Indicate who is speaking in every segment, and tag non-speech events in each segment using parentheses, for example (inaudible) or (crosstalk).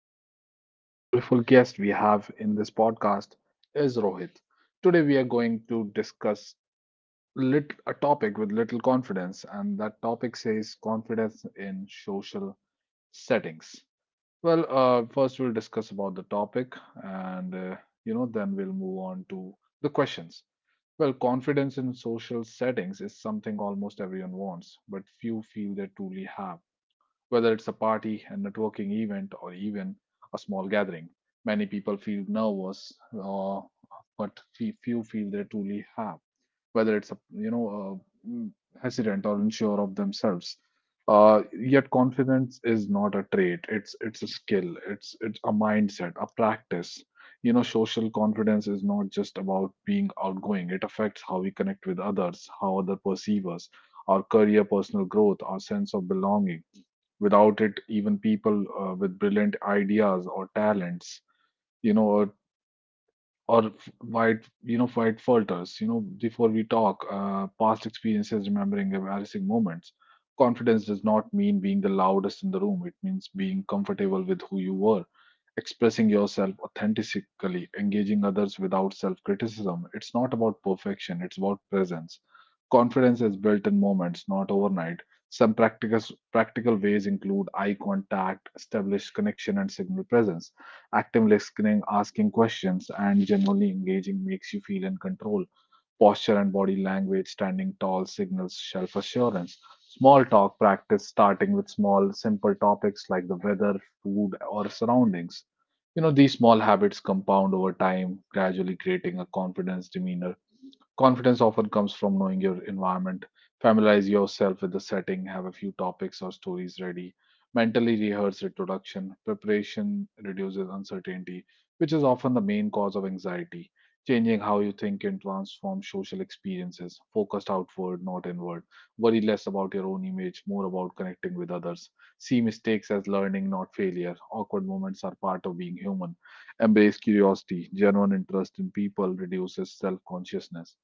Speaker 1: with one beautiful guest we have in this podcast is Rohit. Today, we are going to discuss a topic with little confidence, and that topic says confidence in social settings. First, we'll discuss about the topic, and then we'll move on to the questions. Well, confidence in social settings is something almost everyone wants, but few feel they truly have. Whether it's a party, a networking event, or even a small gathering, many people feel nervous, but few feel they truly have. Whether it's a uh, mm, hesitant or unsure of themselves, yet confidence is not a trait. It's a skill. It's a mindset, a practice. You know, social confidence is not just about being outgoing. It affects how we connect with others, how other perceive us, our career, personal growth, our sense of belonging. Without it, even people with brilliant ideas or talents, you know, or f- white, you know, white falters. You know, before we talk, past experiences, remembering embarrassing moments. Confidence does not mean being the loudest in the room. It means being comfortable with who you were, expressing yourself authentically, engaging others without self criticism. It's not about perfection, it's about presence. Confidence is built in moments, not overnight. Some practical ways include eye contact, establish connection, and signal presence. Active listening, asking questions, and genuinely engaging makes you feel in control. Posture and body language, standing tall signals self assurance. Small talk practice, starting with small, simple topics like the weather, food, or surroundings. You know, these small habits compound over time, gradually creating a confidence demeanor. Confidence often comes from knowing your environment. Familiarize yourself with the setting, have a few topics or stories ready, mentally rehearse introduction. Preparation reduces uncertainty, which is often the main cause of anxiety. Changing how you think can transform social experiences, focused outward, not inward. Worry less about your own image, more about connecting with others. See mistakes as learning, not failure. Awkward moments are part of being human, embrace curiosity, genuine interest in people reduces self consciousness.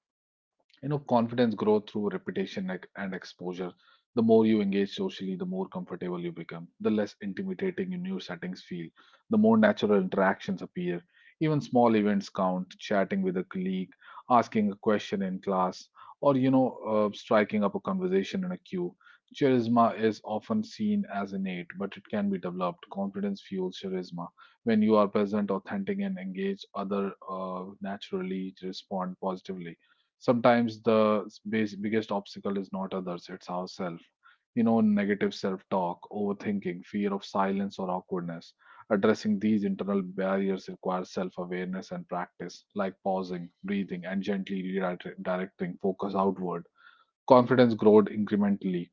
Speaker 1: You know, confidence grows through repetition and exposure. The more you engage socially, the more comfortable you become, the less intimidating your new settings feel, the more natural interactions appear. Even small events count, chatting with a colleague, asking a question in class, or, striking up a conversation in a queue. Charisma is often seen as innate, but it can be developed. Confidence fuels charisma. When you are present, authentic, and engaged, other naturally respond positively. Sometimes the biggest obstacle is not others, it's ourselves. You know, negative self talk, overthinking, fear of silence or awkwardness. Addressing these internal barriers requires self awareness and practice, like pausing, breathing, and gently redirecting focus outward. Confidence growth incrementally,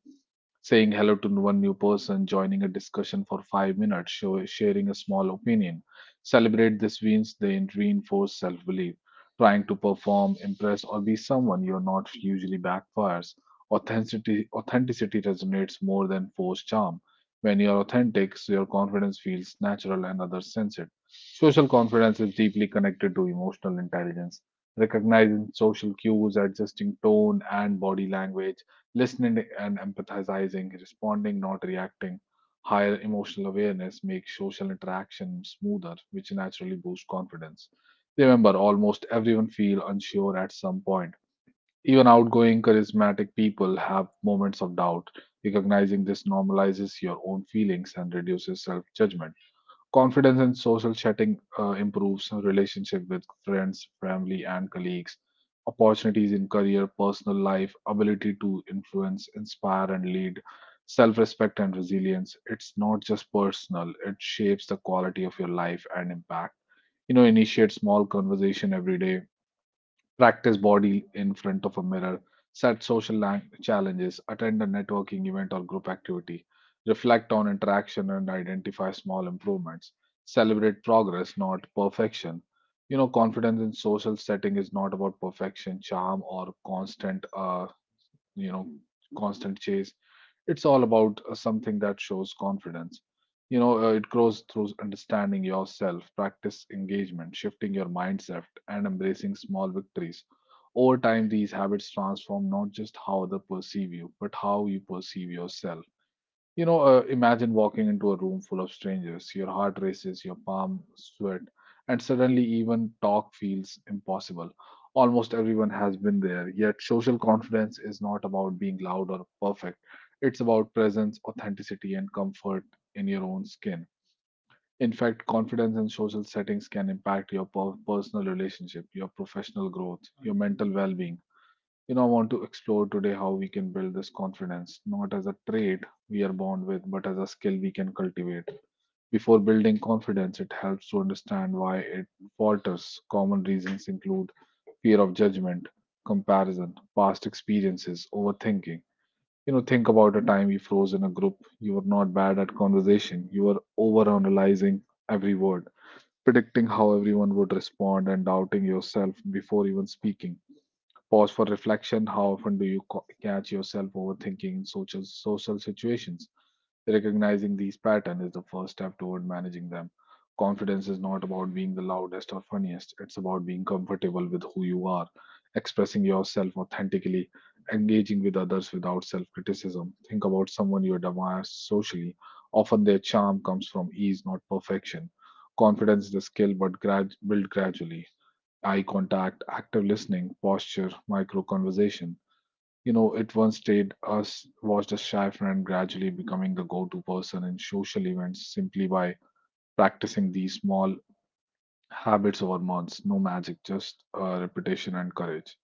Speaker 1: saying hello to one new person, joining a discussion for 5 minutes, sharing a small opinion. Celebrate these wins, they reinforce self belief. Trying to perform, impress, or be someone you're not usually backfires. Authenticity resonates more than forced charm. When you're authentic, so your confidence feels natural and others sense it. Social confidence is deeply connected to emotional intelligence. Recognizing social cues, adjusting tone and body language, listening and empathizing, responding, not reacting, higher emotional awareness makes social interaction smoother, which naturally boosts confidence. Remember, almost everyone feel unsure at some point. Even outgoing, charismatic people have moments of doubt. Recognizing this normalizes your own feelings and reduces self judgment. Confidence in social setting improves relationship with friends, family, and colleagues. Opportunities in career, personal life, ability to influence, inspire, and lead, self respect, and resilience. It's not just personal, it shapes the quality of your life and impact. You know, initiate small conversation every day, practice body in front of a mirror, set social challenges, attend a networking event or group activity, reflect on interaction and identify small improvements, celebrate progress, not perfection. You know, confidence in social setting is not about perfection, charm, or you know, constant chase. It's all about something that shows confidence. You know, it grows through understanding yourself, practice engagement, shifting your mindset, and embracing small victories. Over time, these habits transform not just how others perceive you, but how you perceive yourself. You know, imagine walking into a room full of strangers. Your heart races, your palm sweat, and suddenly even talk feels impossible. Almost everyone has been there, yet social confidence is not about being loud or perfect. It's about presence, authenticity, and comfort in your own skin. In fact, confidence in social settings can impact your personal relationship, your professional growth, your mental well being. I want to explore today how we can build this confidence, not as a trait we are born with, but as a skill we can cultivate. Before building confidence, it helps to understand why it falters. Common reasons include fear of judgment, comparison, past experiences, overthinking. You know, think about a time you froze in a group. You were not bad at conversation. You were overanalyzing every word, predicting how everyone would respond, and doubting yourself before even speaking. Pause for reflection. How often do you catch yourself overthinking in social situations? Recognizing these patterns is the first step toward managing them. Confidence is not about being the loudest or funniest. It's about being comfortable with who you are, expressing yourself authentically, engaging with others without self-criticism. Think about someone you admire socially. Often their charm comes from ease, not perfection. Confidence is a skill, but built gradually, eye contact, active listening, posture, micro conversation. You know, it once stayed us watched a shy friend gradually becoming the go-to person in social events simply by practicing these small habits over months. No magic, just repetition and courage.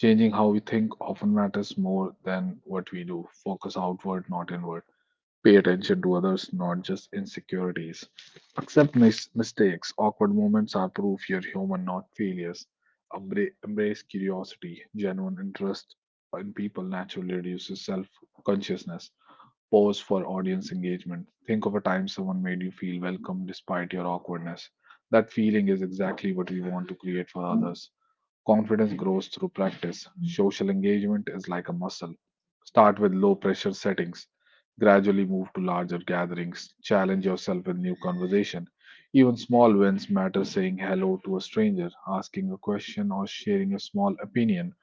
Speaker 1: Changing how we think often matters more than what we do. Focus outward, not inward. Pay attention to others, not just insecurities. Accept mistakes. Awkward moments are proof you're human, not failures. Embrace curiosity. Genuine interest in people naturally reduces self consciousness. Pause for audience engagement. Think of a time someone made you feel welcome despite your awkwardness. That feeling is exactly what we want to create for others. Confidence grows through practice. Social engagement is like a muscle. Start with low pressure settings, gradually move to larger gatherings, challenge yourself with new conversation. Even small wins matter, saying hello to a stranger, asking a question, or sharing a small opinion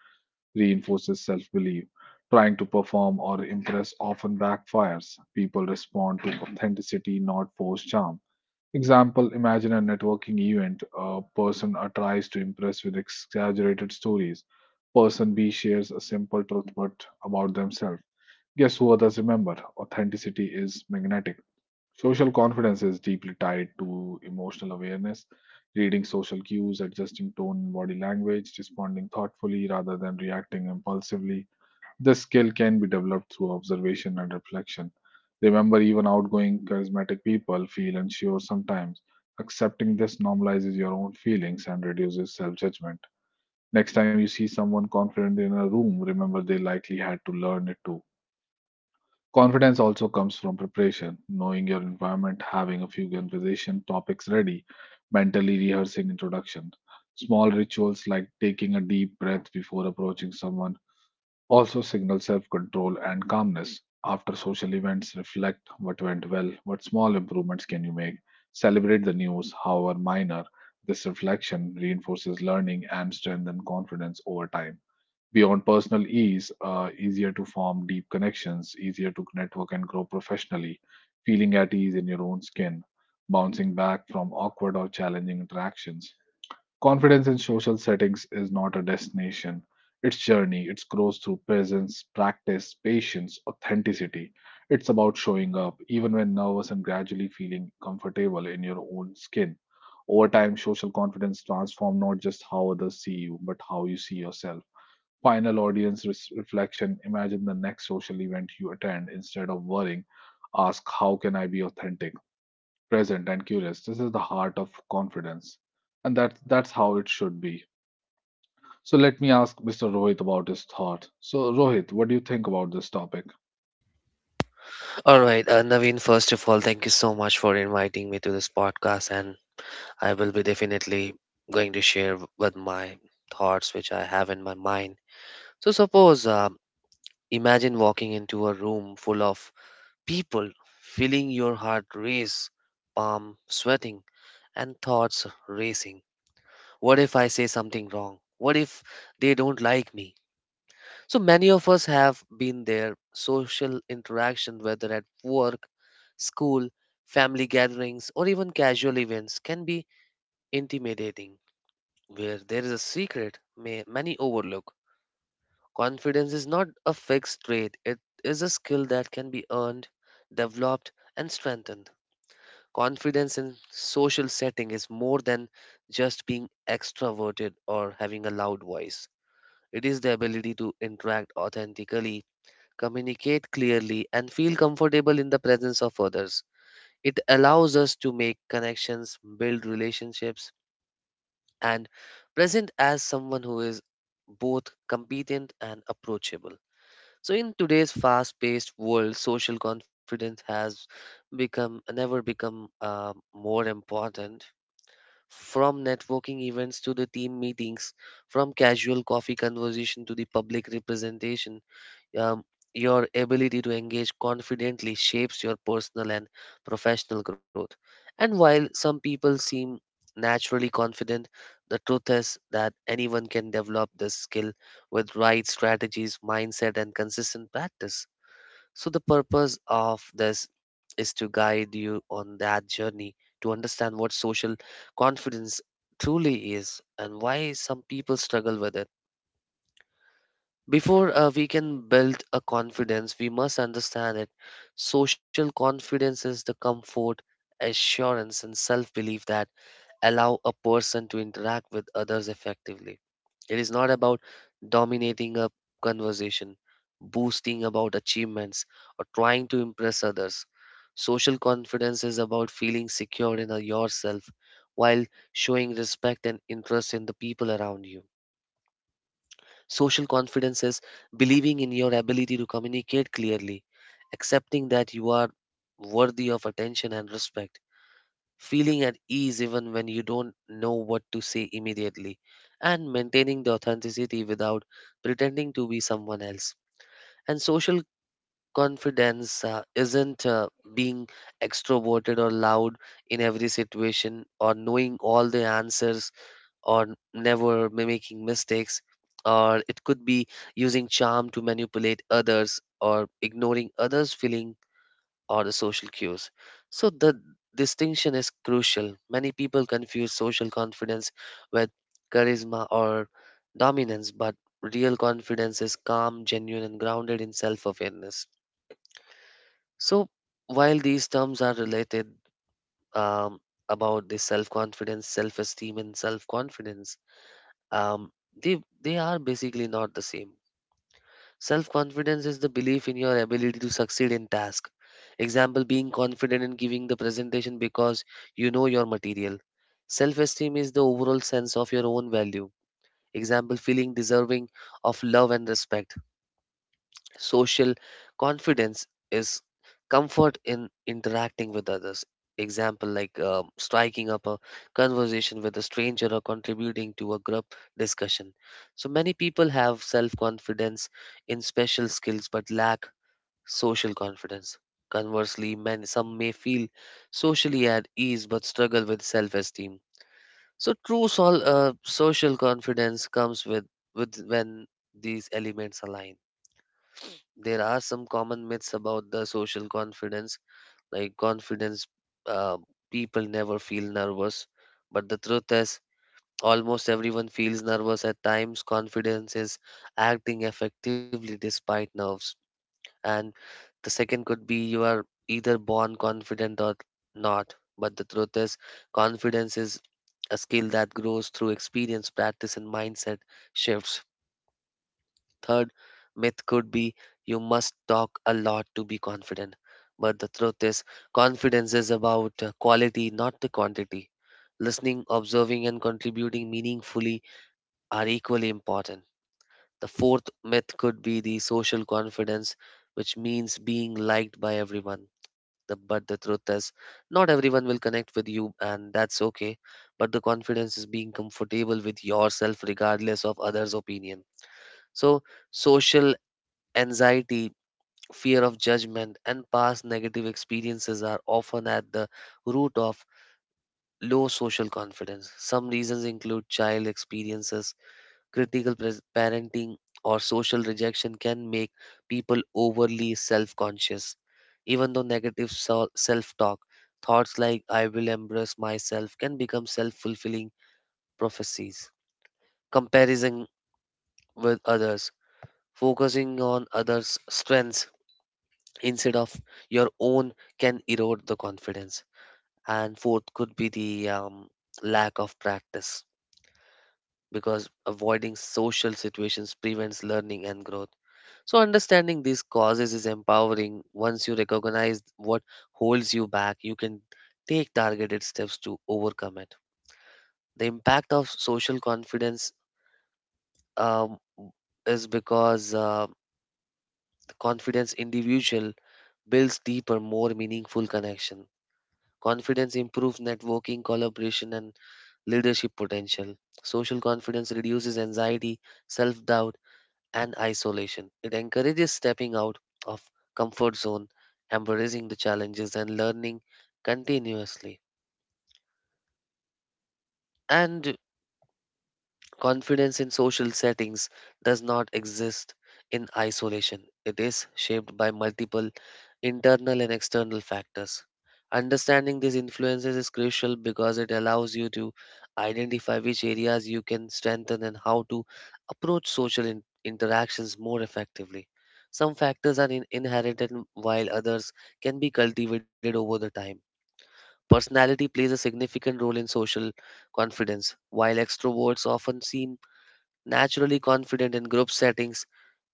Speaker 1: reinforces self belief. Trying to perform or impress often backfires. People respond to authenticity, not forced charm. Example, imagine a networking event. A person A tries to impress with exaggerated stories. Person B shares a simple truth but about themselves. Guess who others remember? Authenticity is magnetic. Social confidence is deeply tied to emotional awareness, reading social cues, adjusting tone and body language, responding thoughtfully rather than reacting impulsively, this skill can be developed through observation and reflection. Remember, even outgoing, charismatic people feel unsure sometimes. Accepting this normalizes your own feelings and reduces self judgment. Next time you see someone confident in a room, remember they likely had to learn it too. Confidence also comes from preparation, knowing your environment, having a few conversation topics ready, mentally rehearsing introductions. Small rituals like taking a deep breath before approaching someone also signal self control and calmness. After social events, reflect what went well, what small improvements can you make, celebrate the news, however minor. This reflection reinforces learning and strengthens confidence over time. Beyond personal ease, easier to form deep connections, easier to network and grow professionally, feeling at ease in your own skin, bouncing back from awkward or challenging interactions, confidence in social settings is not a destination, it's journey. It grows through presence, practice, patience, authenticity. It's about showing up even when nervous and gradually feeling comfortable in your own skin. Over time, social confidence transforms not just how others see you, but how you see yourself. Final audience reflection. Imagine the next social event you attend. Instead of worrying, ask, how can I be authentic? Present and curious. This is the heart of confidence. And that's how it should be. So let me ask Mr. Rohit about his thought. So Rohit, what do you think about this topic?
Speaker 2: All right, Naveen, first of all, thank you so much for inviting me to this podcast, and I will be definitely going to share with my thoughts which I have in my mind. So, suppose imagine walking into a room full of people, feeling your heart race, palm sweating, and thoughts racing. What if I say something wrong? What if they don't like me? So many of us have been there social interaction, whether at work, school, family gatherings, or even casual events, can be intimidating. Where there is a secret, may many overlook. Confidence is not a fixed trait, it is a skill that can be earned, developed, and strengthened. Confidence in social setting is more than just being extroverted or having a loud voice. It is the ability to interact authentically communicate clearly, and feel comfortable in the presence of others. It allows us to make connections, build relationships, and present as someone who is both competent and approachable. So in today's fast-paced world, social confidence has become never become more important. From networking events to the team meetings, from casual coffee conversation to the public representation, um, your ability to engage confidently shapes your personal and professional growth. And while some people seem naturally confident, the truth is that anyone can develop this skill with right strategies, mindset, and consistent practice. So, the purpose of this is to guide you on that journey to understand what social confidence truly is and why some people struggle with it before we can build a confidence, we must understand it. Social confidence is the comfort, assurance, and self belief that allow a person to interact with others effectively. It is not about dominating a conversation, boasting about achievements, or trying to impress others. Social confidence is about feeling secure in yourself while showing respect and interest in the people around you. Social confidence is believing in your ability to communicate clearly, accepting that you are worthy of attention and respect, feeling at ease even when you don't know what to say immediately, and maintaining the authenticity without pretending to be someone else. And social confidence isn't being extroverted or loud in every situation or knowing all the answers or never making mistakes, or it could be using charm to manipulate others or ignoring others' feeling or the social cues. So the distinction is crucial. Many people confuse social confidence with charisma or dominance, but real confidence is calm, genuine, and grounded in self-awareness. So while these terms are related um, about the self-confidence, self-esteem, and self-confidence, um, they they are basically not the same. Self-confidence is the belief in your ability to succeed in task. Example being confident in giving the presentation because you know your material. Self-esteem is the overall sense of your own value. Example feeling deserving of love and respect. Social confidence is comfort in interacting with others. Example like striking up a conversation with a stranger or contributing to a group discussion. So many people have self confidence in special skills but lack social confidence. Conversely, some may feel socially at ease but struggle with self esteem. So true social confidence comes with when these elements align there are some common myths about the social confidence like confidence uh, people never feel nervous but the truth is almost everyone feels nervous at times confidence is acting effectively despite nerves and the second could be you are either born confident or not but the truth is confidence is a skill that grows through experience practice and mindset shifts. Third myth could be you must talk a lot to be confident. But the truth is, confidence is about quality, not the quantity. Listening, observing, and contributing meaningfully are equally important. The fourth myth could be the social confidence, which means being liked by everyone. But the truth is, not everyone will connect with you, and that's okay. But the confidence is being comfortable with yourself regardless of others' opinion. So, social anxiety, fear of judgment, and past negative experiences are often at the root of low social confidence. Some reasons include child experiences, parenting, or social rejection can make people overly self conscious. Even though negative self talk, thoughts like I will embrace myself can become self fulfilling prophecies. Comparison with others, focusing on others' strengths instead of your own can erode the confidence and fourth could be the lack of practice because avoiding social situations prevents learning and growth so understanding these causes is empowering once you recognize what holds you back you can take targeted steps to overcome it the impact of social confidence um, is because the confidence individual builds deeper more meaningful connection. Confidence improves networking, collaboration, and leadership potential. Social confidence reduces anxiety, self doubt, and isolation. It encourages stepping out of comfort zone, embracing the challenges, and learning continuously. And confidence in social settings does not exist in isolation. It is shaped by multiple internal and external factors. Understanding these influences is crucial because it allows you to identify which areas you can strengthen and how to approach social interactions more effectively. Some factors are inherited while others can be cultivated over the time. Personality plays a significant role in social confidence. While extroverts often seem naturally confident in group settings,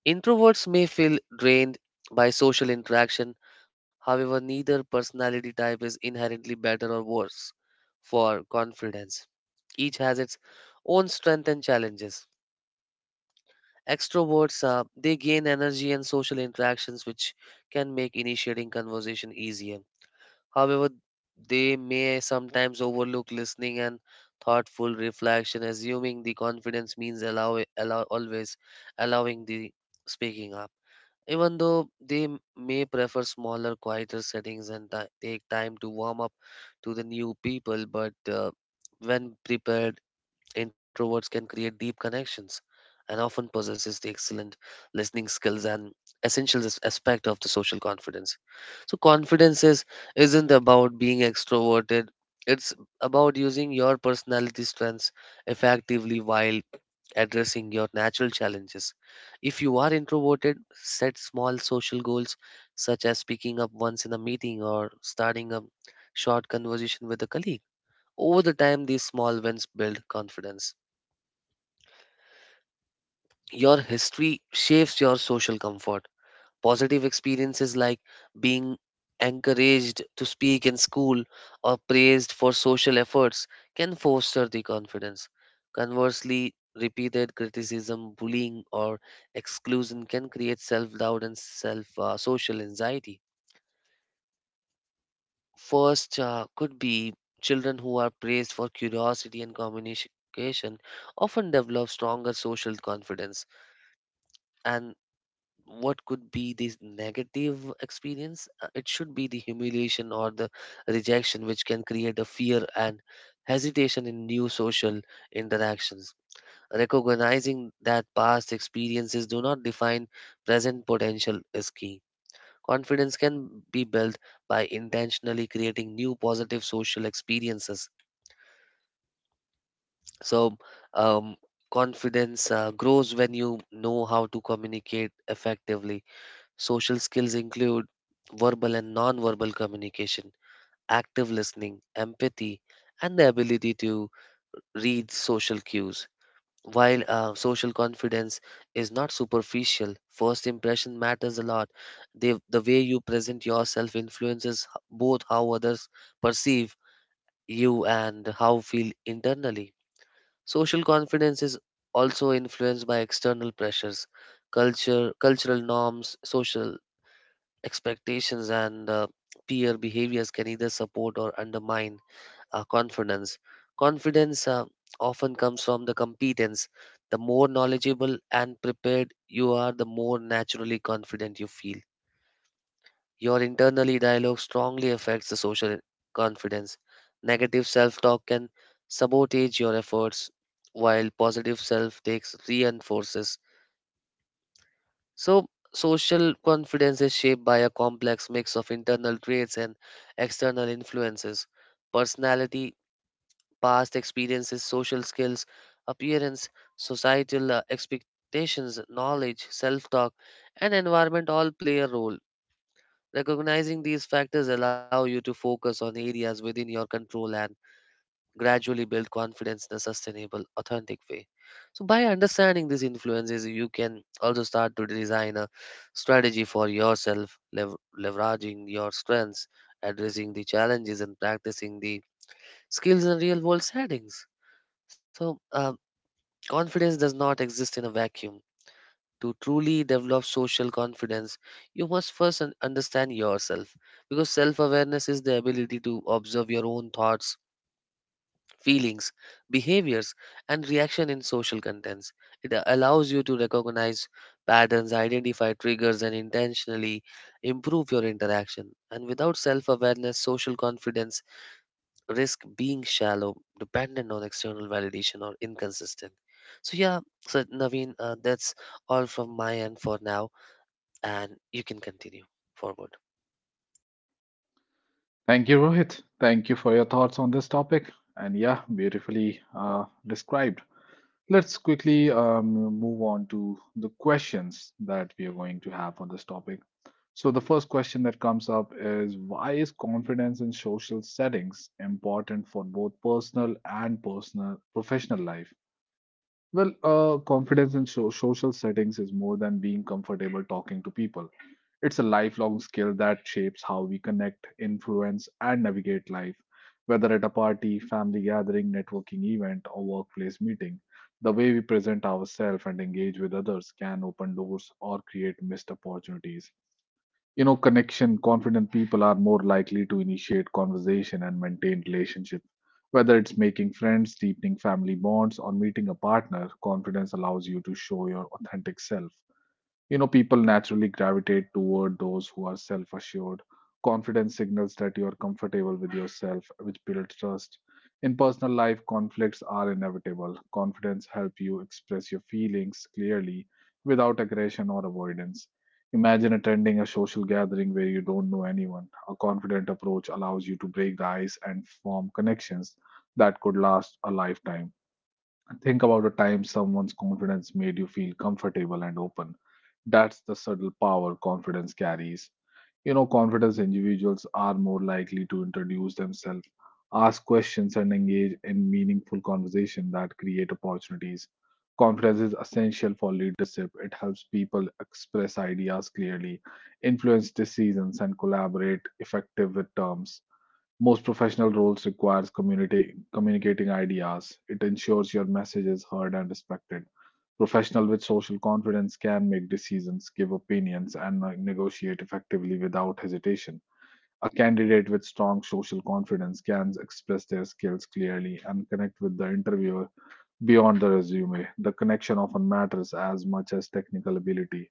Speaker 2: introverts may feel drained by social interaction, however, neither personality type is inherently better or worse for confidence. Each has its own strength and challenges. Extroverts they gain energy and social interactions which can make initiating conversation easier. However, they may sometimes overlook listening and thoughtful reflection, assuming the confidence means allow, allow always allowing the speaking up. Even though they may prefer smaller, quieter settings and take time to warm up to the new people, but when prepared, introverts can create deep connections and often possesses the excellent listening skills and essential aspect of the social confidence. So isn't about being extroverted. It's about using your personality strengths effectively while addressing your natural challenges. If you are introverted, set small social goals such as picking up once in a meeting or starting a short conversation with a colleague. Over the time, these small wins build confidence. Your history shapes your social comfort. Positive experiences like being encouraged to speak in school or praised for social efforts can foster the confidence. Conversely, repeated criticism, bullying, or exclusion can create self doubt and self social anxiety. First, could be children who are praised for curiosity and communication often develop stronger social confidence and what could be this negative experience it should be the humiliation or the rejection which can create a fear and hesitation in new social interactions recognizing that past experiences do not define present potential is key confidence can be built by intentionally creating new positive social experiences so um, confidence grows when you know how to communicate effectively. Social skills include verbal and non-verbal communication, active listening, empathy, and the ability to read social cues. While social confidence is not superficial, first impression matters a lot. The way you present yourself influences both how others perceive you and how feel internally. Social confidence is also influenced by external pressures, culture, cultural norms, social expectations and peer behaviors can either support or undermine our confidence. Confidence often comes from the competence. The more knowledgeable and prepared you are, the more naturally confident you feel. Your internally dialogue strongly affects the social confidence. Negative self talk can sabotage your efforts, while positive self takes reinforces. So, social confidence is shaped by a complex mix of internal traits and external influences. Personality, past experiences, social skills, appearance, societal expectations, knowledge, self talk, and environment all play a role. Recognizing these factors allow you to focus on areas within your control and gradually build confidence in a sustainable, authentic way. So, by understanding these influences, you can also start to design a strategy for yourself, lev- leveraging your strengths, addressing the challenges, and practicing the skills in real world settings. So, confidence does not exist in a vacuum. To truly develop social confidence, you must first understand yourself because self awareness is the ability to observe your own thoughts feelings, behaviors, and reaction in social contents. It allows you to recognize patterns, identify triggers, and intentionally improve your interaction. And without self awareness, social confidence risk being shallow, dependent on external validation or inconsistent. So yeah, so Naveen, that's all from my end for now, and you can continue forward.
Speaker 1: Thank you, Rohit. Thank you for your thoughts on this topic. And yeah, beautifully described. Let's quickly move on to the questions that we are going to have on this topic. So, the first question that comes up is, why is confidence in social settings important for both personal and personal professional life? Well, confidence in social settings is more than being comfortable talking to people. It's a lifelong skill that shapes how we connect, influence, and navigate life. Whether at a party, family gathering, networking event, or workplace meeting, the way we present ourselves and engage with others can open doors or create missed opportunities. Connection, confident people are more likely to initiate conversation and maintain relationship. Whether it's making friends, deepening family bonds, or meeting a partner, confidence allows you to show your authentic self. People naturally gravitate toward those who are self assured. Confidence signals that you are comfortable with yourself, which builds trust. In personal life, conflicts are inevitable. Confidence helps you express your feelings clearly without aggression or avoidance. Imagine attending a social gathering where you don't know anyone. A confident approach allows you to break the ice and form connections that could last a lifetime. Think about a time someone's confidence made you feel comfortable and open. That's the subtle power confidence carries. Confident individuals are more likely to introduce themselves, ask questions, and engage in meaningful conversation that create opportunities. Confidence is essential for leadership. It helps people express ideas clearly, influence decisions, and collaborate effective with terms. Most professional roles requires community communicating ideas. It ensures your message is heard and respected. Professional with social confidence can make decisions, give opinions, and negotiate effectively without hesitation. A candidate with strong social confidence can express their skills clearly and connect with the interviewer beyond the resume. The connection often matters as much as technical ability.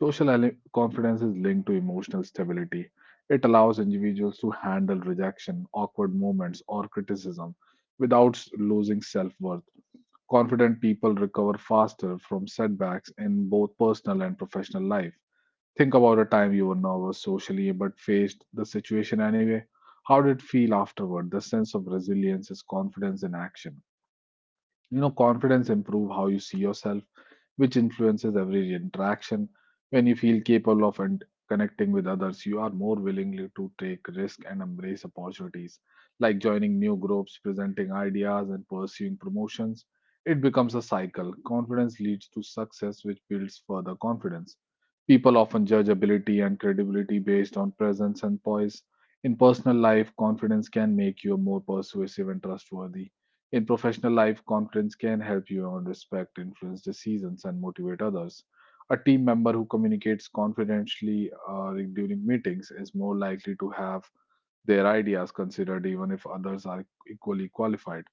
Speaker 1: Social confidence is linked to emotional stability. It allows individuals to handle rejection, awkward moments, or criticism without losing self worth. Confident people recover faster from setbacks in both personal and professional life. Think about a time you were nervous socially but faced the situation anyway. How did it feel afterward? The sense of resilience is confidence in action. Confidence improves how you see yourself, which influences every interaction. When you feel capable of and connecting with others, you are more willingly to take risk and embrace opportunities, like joining new groups, presenting ideas, and pursuing promotions. It becomes a cycle. Confidence leads to success, which builds further confidence. People often judge ability and credibility based on presence and poise. In personal life, confidence can make you more persuasive and trustworthy. In professional life, confidence can help you earn respect, influence decisions, and motivate others. A team member who communicates confidentially during meetings is more likely to have their ideas considered even if others are equally qualified.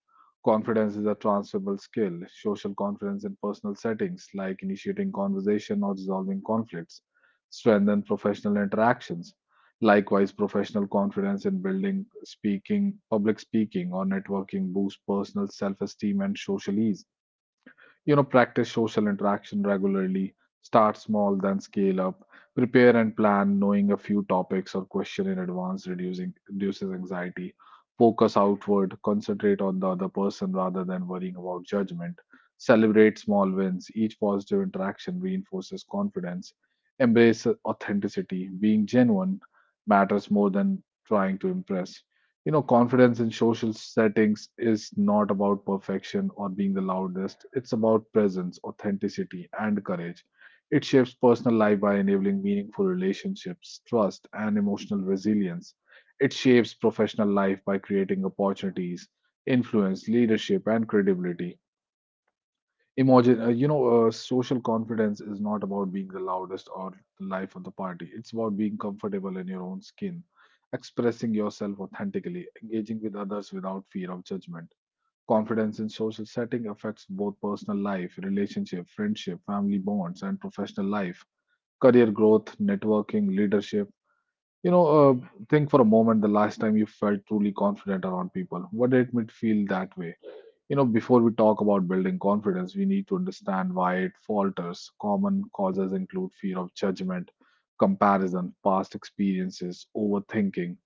Speaker 1: Confidence is a transferable skill. Social confidence in personal settings, like initiating conversation or resolving conflicts, strengthen professional interactions. Likewise, professional confidence in building, speaking, public speaking, or networking boosts personal self esteem and social ease. Practice social interaction regularly, start small, then scale up, prepare and plan, knowing a few topics or question in advance reducing reduces anxiety. Focus outward, concentrate on the other person rather than worrying about judgment. Celebrate small wins. Each positive interaction reinforces confidence. Embrace authenticity. Being genuine matters more than trying to impress. Confidence in social settings is not about perfection or being the loudest. It's about presence, authenticity, and courage. It shapes personal life by enabling meaningful relationships, trust, and emotional resilience. It shapes professional life by creating opportunities, influence, leadership, and credibility. Imagine, social confidence is not about being the loudest or the life of the party. It's about being comfortable in your own skin, expressing yourself authentically, engaging with others without fear of judgment. Confidence in social setting affects both personal life, relationship, friendship, family bonds, and professional life, career growth, networking, leadership. Think for a moment the last time you felt truly confident around people. What did it feel that way? Before we talk about building confidence, we need to understand why it falters. Common causes include fear of judgment, comparison, past experiences, overthinking.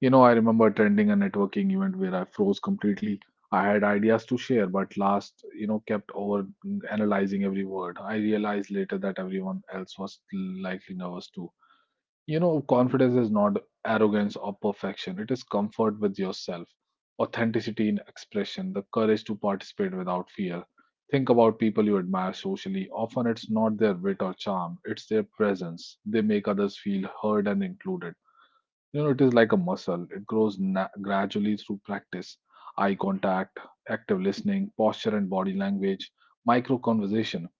Speaker 1: I remember attending a networking event where I froze completely. I had ideas to share, but last, kept over analyzing every word. I realized later that everyone else was likely nervous too. Confidence is not arrogance or perfection. It is comfort with yourself, authenticity in expression, the courage to participate without fear. Think about people you admire socially. Often it's not their wit or charm, it's their presence. They make others feel heard and included. It is like a muscle, it grows gradually through practice. Eye contact, active listening, posture and body language, micro conversation.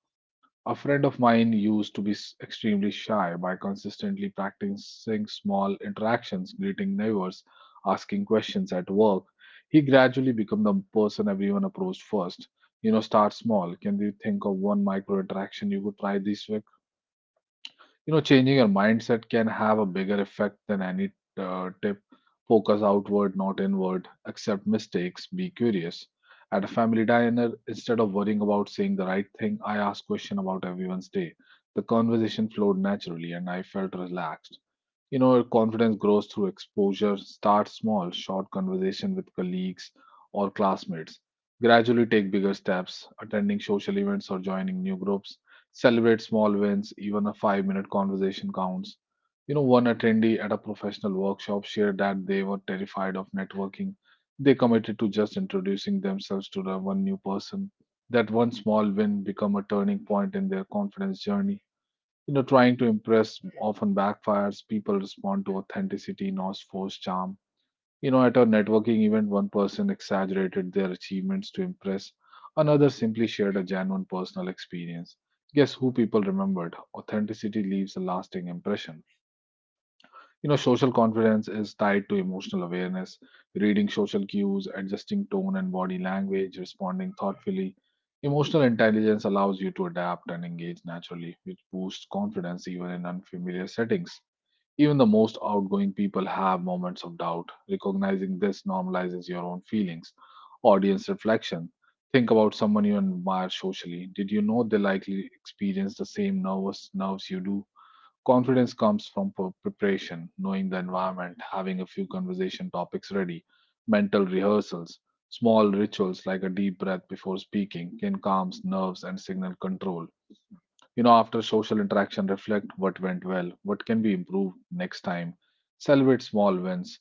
Speaker 1: A friend of mine used to be extremely shy by consistently practicing small interactions, greeting neighbors, asking questions at work. He gradually became the person everyone approached first. Start small. Can you think of one micro interaction you could try this week? Changing your mindset can have a bigger effect than any tip. Focus outward, not inward. Accept mistakes. Be curious. At a family diner, instead of worrying about saying the right thing, I asked questions about everyone's day. The conversation flowed naturally, and I felt relaxed. Your confidence grows through exposure. Start small, short conversation with colleagues or classmates. Gradually take bigger steps, attending social events or joining new groups. Celebrate small wins, even a 5-minute conversation counts. One attendee at a professional workshop shared that they were terrified of networking. They committed to just introducing themselves to the one new person. That one small win become a turning point in their confidence journey. Trying to impress often backfires. People respond to authenticity, not forced charm. At a networking event, one person exaggerated their achievements to impress, another simply shared a genuine personal experience. Guess who people remembered? Authenticity leaves a lasting impression. Social confidence is tied to emotional awareness, reading social cues, adjusting tone and body language, responding thoughtfully. Emotional intelligence allows you to adapt and engage naturally, which boosts confidence even in unfamiliar settings. Even the most outgoing people have moments of doubt. Recognizing this normalizes your own feelings. Audience reflection. Think about someone you admire socially. Did you know they likely experience the same nervous nerves you do? Confidence comes from preparation, knowing the environment, having a few conversation topics ready, mental rehearsals, small rituals like a deep breath before speaking can calm nerves and signal control. After social interaction, reflect what went well, what can be improved next time, celebrate small wins.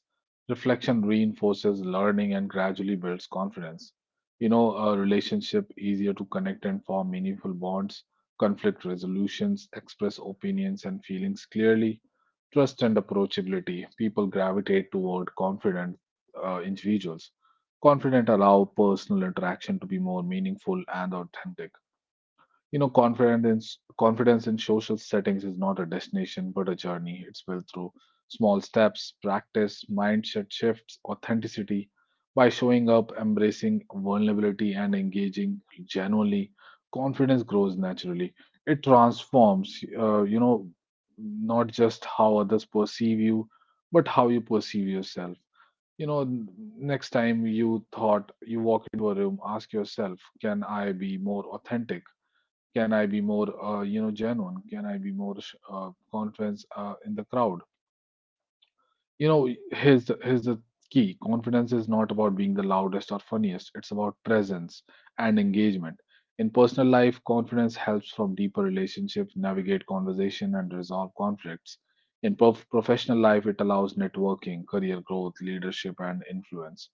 Speaker 1: Reflection reinforces learning and gradually builds confidence. A relationship easier to connect and form meaningful bonds, conflict resolutions, express opinions and feelings clearly, trust and approachability. People gravitate toward confident individuals. Confident allow personal interaction to be more meaningful and authentic. Confidence in social settings is not a destination but a journey. It's built through small steps, practice, mindset shifts, authenticity, by showing up, embracing vulnerability and engaging genuinely, confidence grows naturally. It transforms, not just how others perceive you, but how you perceive yourself. You know, n- Next time you thought you walk into a room, ask yourself, can I be more authentic? Can I be more, genuine? Can I be more confidence in the crowd? Here's the key. Confidence is not about being the loudest or funniest. It's about presence and engagement. In personal life, confidence helps from deeper relationships, navigate conversation, and resolve conflicts. In professional life, it allows networking, career growth, leadership, and influence.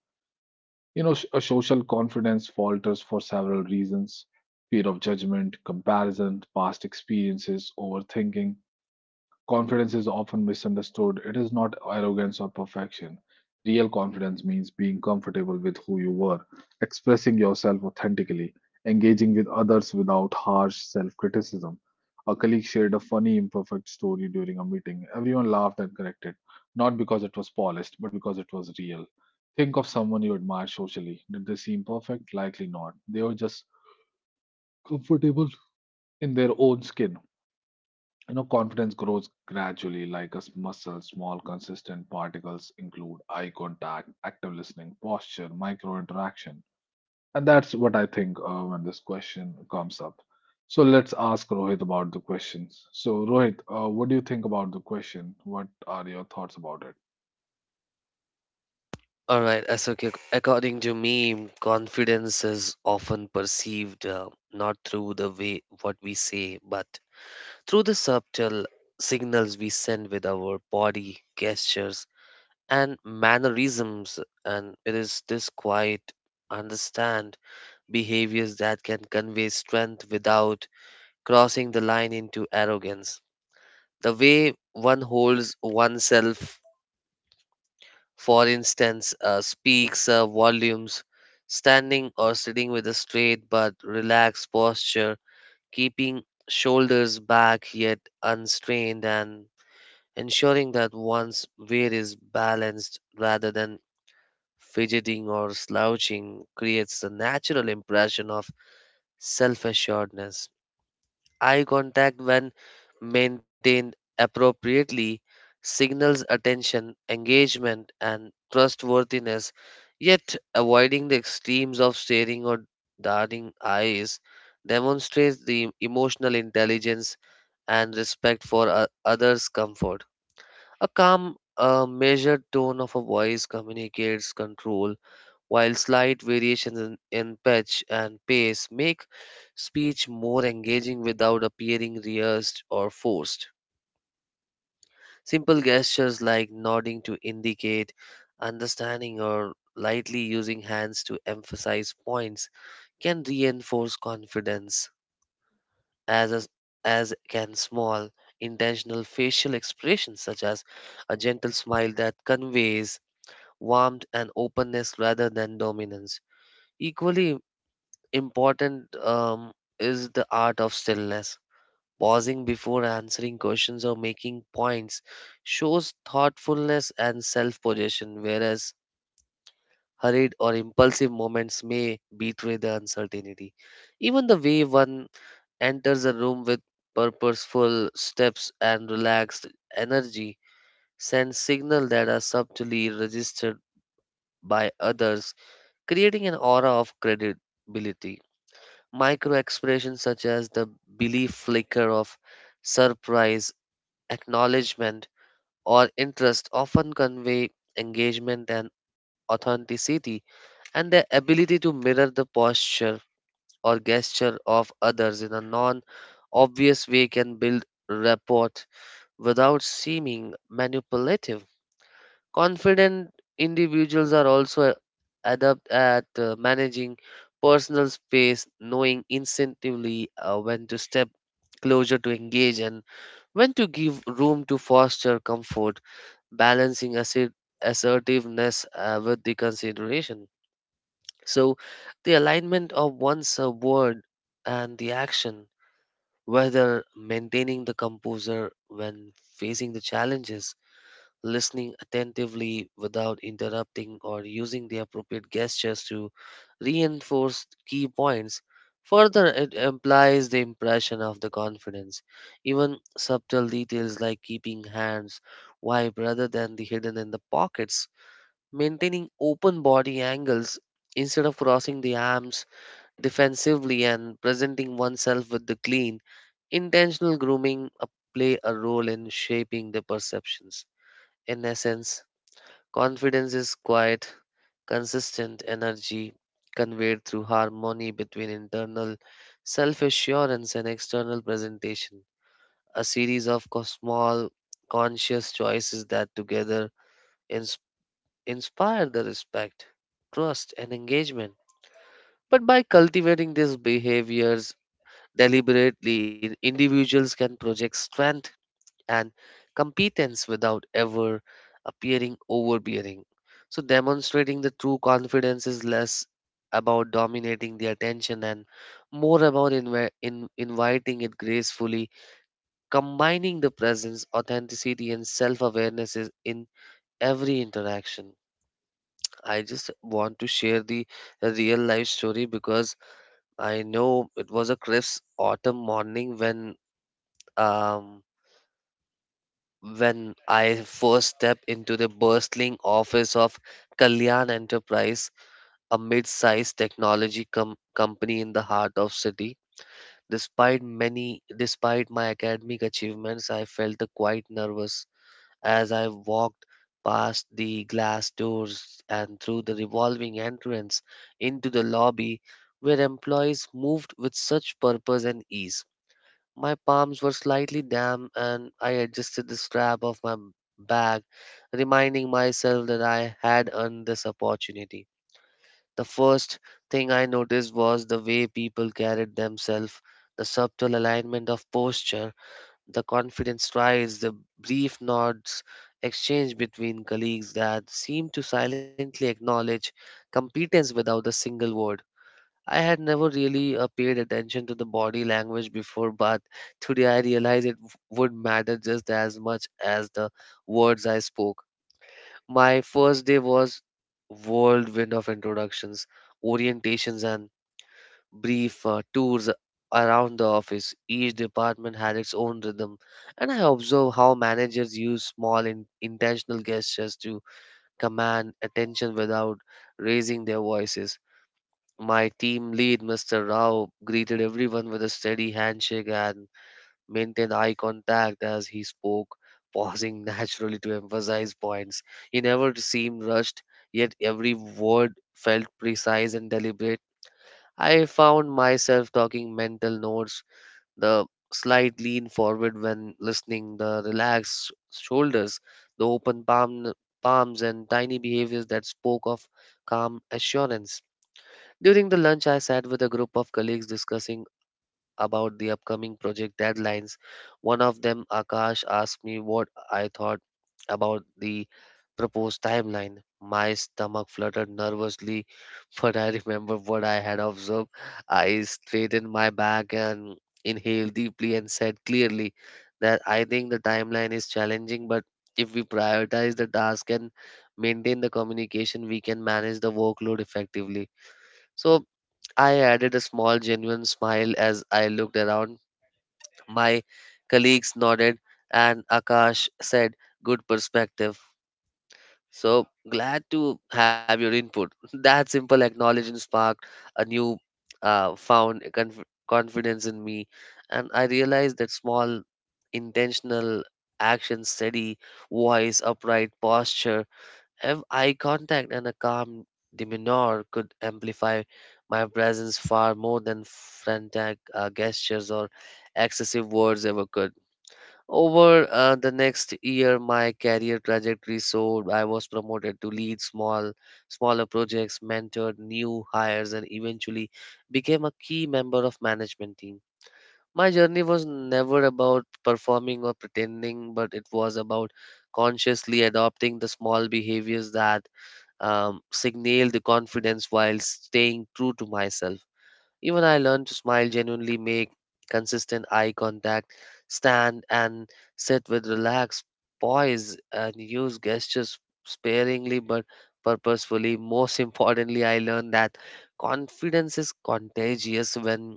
Speaker 1: A social confidence falters for several reasons, fear of judgment, comparison, past experiences, overthinking. Confidence is often misunderstood. It is not arrogance or perfection. Real confidence means being comfortable with who you were, expressing yourself authentically, engaging with others without harsh self criticism. A colleague shared a funny, imperfect story during a meeting. Everyone laughed and corrected, not because it was polished, but because it was real. Think of someone you admire socially. Did they seem perfect? Likely not. They were just comfortable in their own skin. Confidence grows gradually like a muscle. Small, consistent particles include eye contact, active listening, posture, micro interaction. And that's what I think when this question comes up. So let's ask Rohit about the questions. So, Rohit, what do you think about the question? What are your thoughts about it?
Speaker 2: All right, Ashok, according to me, confidence is often perceived not through the way what we say, but through the subtle signals we send with our body, gestures, and mannerisms. And it is this quiet, understand behaviors that can convey strength without crossing the line into arrogance. The way one holds oneself, for instance, speaks, volumes. Standing or sitting with a straight but relaxed posture, keeping shoulders back yet unstrained, and ensuring that one's weight is balanced rather than fidgeting or slouching creates a natural impression of self assuredness. Eye contact, when maintained appropriately, signals attention, engagement, and trustworthiness. Yet, avoiding the extremes of staring or darting eyes demonstrates the emotional intelligence and respect for others' comfort. A calm, measured tone of a voice communicates control, while slight variations in pitch and pace make speech more engaging without appearing rehearsed or forced. Simple gestures like nodding to indicate understanding or lightly using hands to emphasize points can reinforce confidence, as can small intentional facial expressions such as a gentle smile that conveys warmth and openness rather than dominance. Equally important is the art of stillness. Pausing before answering questions or making points shows thoughtfulness and self possession, whereas hurried or impulsive moments may betray the uncertainty. Even the way one enters a room with purposeful steps and relaxed energy sends signals that are subtly registered by others, creating an aura of credibility. Micro expressions such as the belief flicker of surprise, acknowledgement, or interest often convey engagement and authenticity, and their ability to mirror the posture or gesture of others in a non obvious way can build rapport without seeming manipulative. Confident individuals are also adept at managing personal space, knowing instinctively when to step closer to engage and when to give room to foster comfort, balancing assertiveness with the consideration. So, the alignment of one's word and the action, whether maintaining the composure when facing the challenges, listening attentively without interrupting, or using the appropriate gestures to reinforce key points. Further, it implies the impression of the confidence. Even subtle details like keeping hands wide rather than the hidden in the pockets, maintaining open body angles instead of crossing the arms defensively, and presenting oneself with the clean, intentional grooming play a role in shaping the perceptions. In essence, confidence is quiet, consistent energy conveyed through harmony between internal self assurance and external presentation. A series of small, conscious choices that together ins- inspire the respect, trust, and engagement. But by cultivating these behaviors deliberately, individuals can project strength and competence without ever appearing overbearing. So, demonstrating the true confidence is less about dominating the attention and more about inviting it gracefully, combining the presence, authenticity, and self awareness is in every interaction. I just want to share the real life story, because I know it was a crisp autumn morning when um, When I first stepped into the bustling office of Kalyan Enterprise, a mid-sized technology company in the heart of city. Despite many despite my academic achievements, I felt quite nervous as I walked past the glass doors and through the revolving entrance into the lobby where employees moved with such purpose and ease. My palms were slightly damp, and I adjusted the strap of my bag, reminding myself that I had earned this opportunity. The first thing I noticed was the way people carried themselves, the subtle alignment of posture, the confident strides, the brief nods exchanged between colleagues that seemed to silently acknowledge competence without a single word. I had never really paid attention to the body language before, but today I realized it would matter just as much as the words I spoke. My first day was whirlwind of introductions, orientations, and brief tours around the office. Each department had its own rhythm, and I observed how managers use small intentional gestures to command attention without raising their voices. My team lead, Mr. Rao, greeted everyone with a steady handshake and maintained eye contact as he spoke, (laughs) pausing naturally to emphasize points. He never seemed rushed, yet every word felt precise and deliberate. I found myself talking mental notes, the slight lean forward when listening, the relaxed shoulders, the open palms, and tiny behaviors that spoke of calm assurance. During the lunch, I sat with a group of colleagues discussing about the upcoming project deadlines. One of them, Akash, asked me what I thought about the proposed timeline. My stomach fluttered nervously, (laughs) but I remember what I had observed. I straightened my back and inhaled deeply and said clearly that I think the timeline is challenging, but if we prioritize the task and maintain the communication, we can manage the workload effectively. So I added a small, genuine smile as I looked around. My colleagues nodded, and Akash said, "Good perspective. So glad to have your input." (laughs) That simple acknowledgement sparked a new found confidence in me, and I realized that small, intentional action, steady voice, upright posture, Ev- eye contact, and a calm demeanor could amplify my presence far more than frantic gestures or excessive words ever could. Over the next year, my career trajectory soared. I was promoted to lead smaller projects, mentored new hires, and eventually became a key member of management team. My journey was never about performing or pretending, but it was about consciously adopting the small behaviors that signal the confidence while staying true to myself. Even I learned to smile genuinely, make consistent eye contact, stand and sit with relaxed poise, and use gestures sparingly but purposefully. Most importantly, I learned that confidence is contagious. When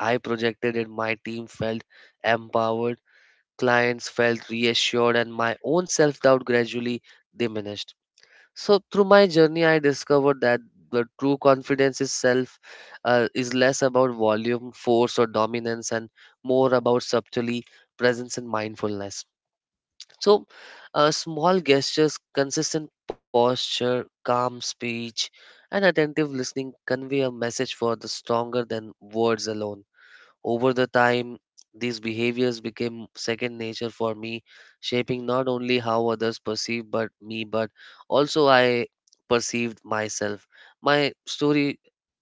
Speaker 2: I projected it, my team felt empowered, clients felt reassured, and my own self doubt gradually diminished. So through my journey, I discovered that the true confidence itself is less about volume, force, or dominance, and more about subtlety, presence, and mindfulness. So, small gestures, consistent posture, calm speech, and attentive listening convey a message for the stronger than words alone. Over the time, these behaviors became second nature for me, shaping not only how others perceive but me, but also I perceived myself. My story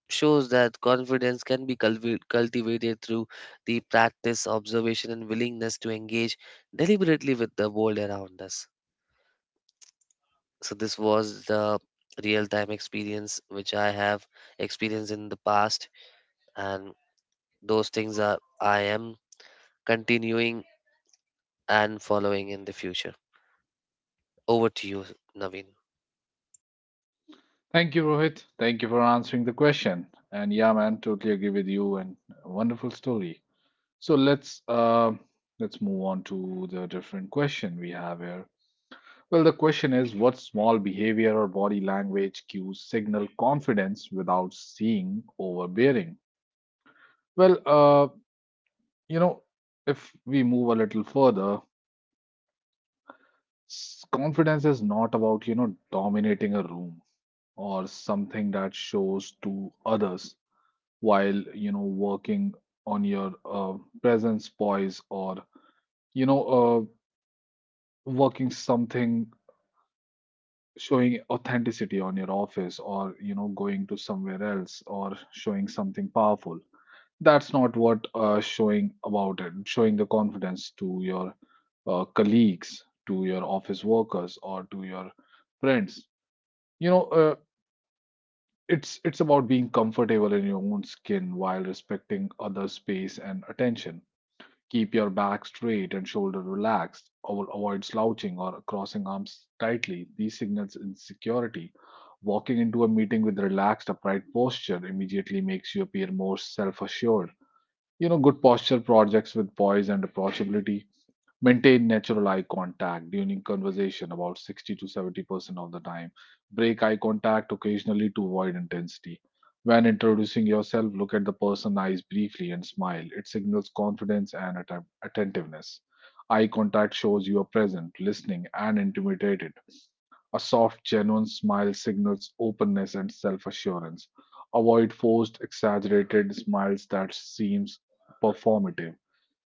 Speaker 2: shows that confidence can be cultivated through the practice, observation, and willingness to engage deliberately with the world around us. So this was the real-time experience which I have experienced in the past, and those things are I am continuing and following in the future. Over to you, Naveen.
Speaker 1: Thank you, Rohit. Thank you for answering the question. And yeah, man, totally agree with you and a wonderful story. So let's move on to the different question we have here. Well, the question is what small behavior or body language cues signal confidence without seeming overbearing? Well, uh, you know, if we move a little further, confidence is not about, you know, dominating a room or something that shows to others while, you know, working on your presence, poise, or, you know, working something, showing authenticity on your office, or you know, going to somewhere else, or showing something powerful. That's not what showing about it, showing the confidence to your colleagues, to your office workers, or to your friends, you know. It's about being comfortable in your own skin while respecting other space and attention. Keep your back straight and shoulder relaxed. Avoid slouching or crossing arms tightly. These signals insecurity. Walking into a meeting with relaxed upright posture immediately makes you appear more self assured. You know, good posture projects with poise and approachability. Maintain natural eye contact during conversation about 60 to 70% of the time. Break eye contact occasionally to avoid intensity. When introducing yourself, look at the person's eyes briefly and smile. It signals confidence and attentiveness. Eye contact shows you are present, listening, and intimidated. A soft, genuine smile signals openness and self assurance. Avoid forced, exaggerated smiles that seems performative.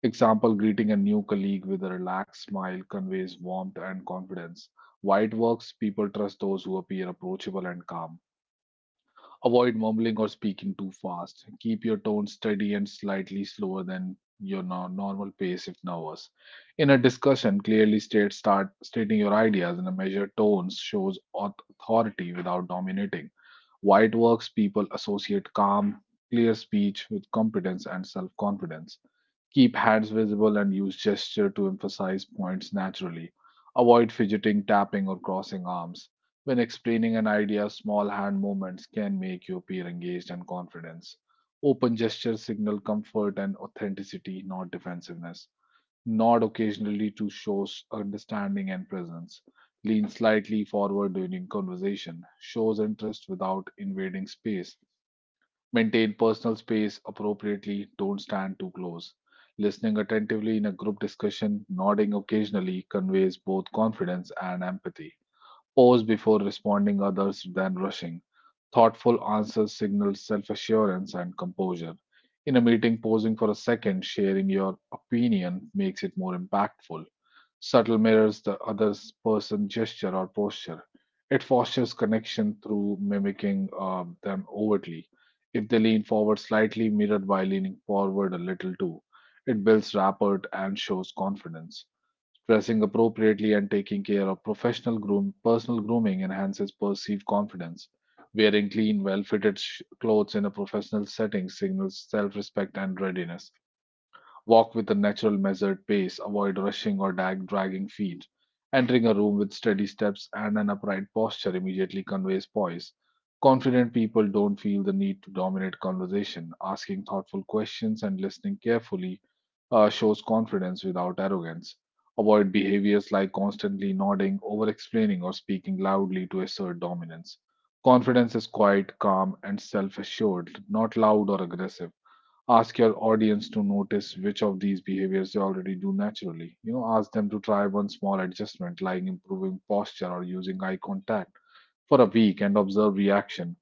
Speaker 1: Example, greeting a new colleague with a relaxed smile conveys warmth and confidence. While it works, people trust those who appear approachable and calm. Avoid mumbling or speaking too fast. Keep your tone steady and slightly slower than your normal pace if nervous. In a discussion, clearly state start stating your ideas in a measured tone shows authority without dominating. Why it works, people associate calm, clear speech with competence and self-confidence. Keep hands visible and use gesture to emphasize points naturally. Avoid fidgeting, tapping, or crossing arms. When explaining an idea, small hand movements can make you appear engaged and confident. Open gestures signal comfort and authenticity, not defensiveness. Nod occasionally to show understanding and presence. Lean slightly forward during conversation. Shows interest without invading space. Maintain personal space appropriately, don't stand too close. Listening attentively in a group discussion, nodding occasionally conveys both confidence and empathy. Pause before responding others than rushing. Thoughtful answers signal self assurance and composure. In a meeting, pausing for a second, sharing your opinion makes it more impactful. Subtle mirrors the other person's gesture or posture. It fosters connection through mimicking them overtly. If they lean forward slightly, mirrored by leaning forward a little too. It builds rapport and shows confidence. Dressing appropriately and taking care of professional groom, personal grooming enhances perceived confidence. Wearing clean, well fitted clothes in a professional setting signals self respect and readiness. Walk with a natural, measured pace, avoid rushing or dragging feet. Entering a room with steady steps and an upright posture immediately conveys poise. Confident people don't feel the need to dominate conversation. Asking thoughtful questions and listening carefully shows confidence without arrogance. Avoid behaviors like constantly nodding, over explaining, or speaking loudly to assert dominance. Confidence is quiet, calm, and self assured, not loud or aggressive. Ask your audience to notice which of these behaviors they already do naturally. You know, ask them to try one small adjustment like improving posture or using eye contact for a week and observe reaction.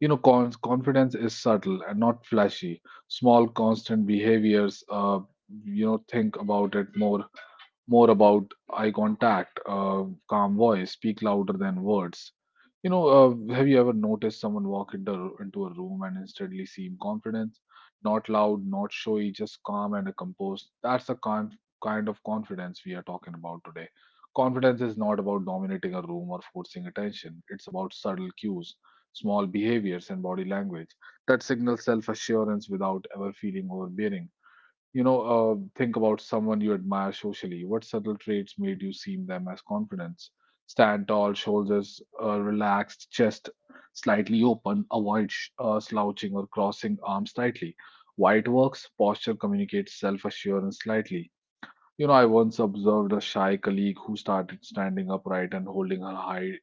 Speaker 1: You know, confidence is subtle and not flashy. Small, constant behaviors, you know, think about it more about eye contact, calm voice, speak louder than words. You know, have you ever noticed someone walk into a room and instantly seem confident? Not loud, not showy, just calm and composed. That's the kind of confidence we are talking about today. Confidence is not about dominating a room or forcing attention, it's about subtle cues, small behaviors, and body language that signal self assurance without ever feeling overbearing. Think about someone you admire socially. What subtle traits made you see in them as confidence? Stand tall, shoulders relaxed, chest slightly open, avoid slouching or crossing arms tightly. White works, posture communicates self assurance slightly. You know, I once observed a shy colleague who started standing upright and holding her high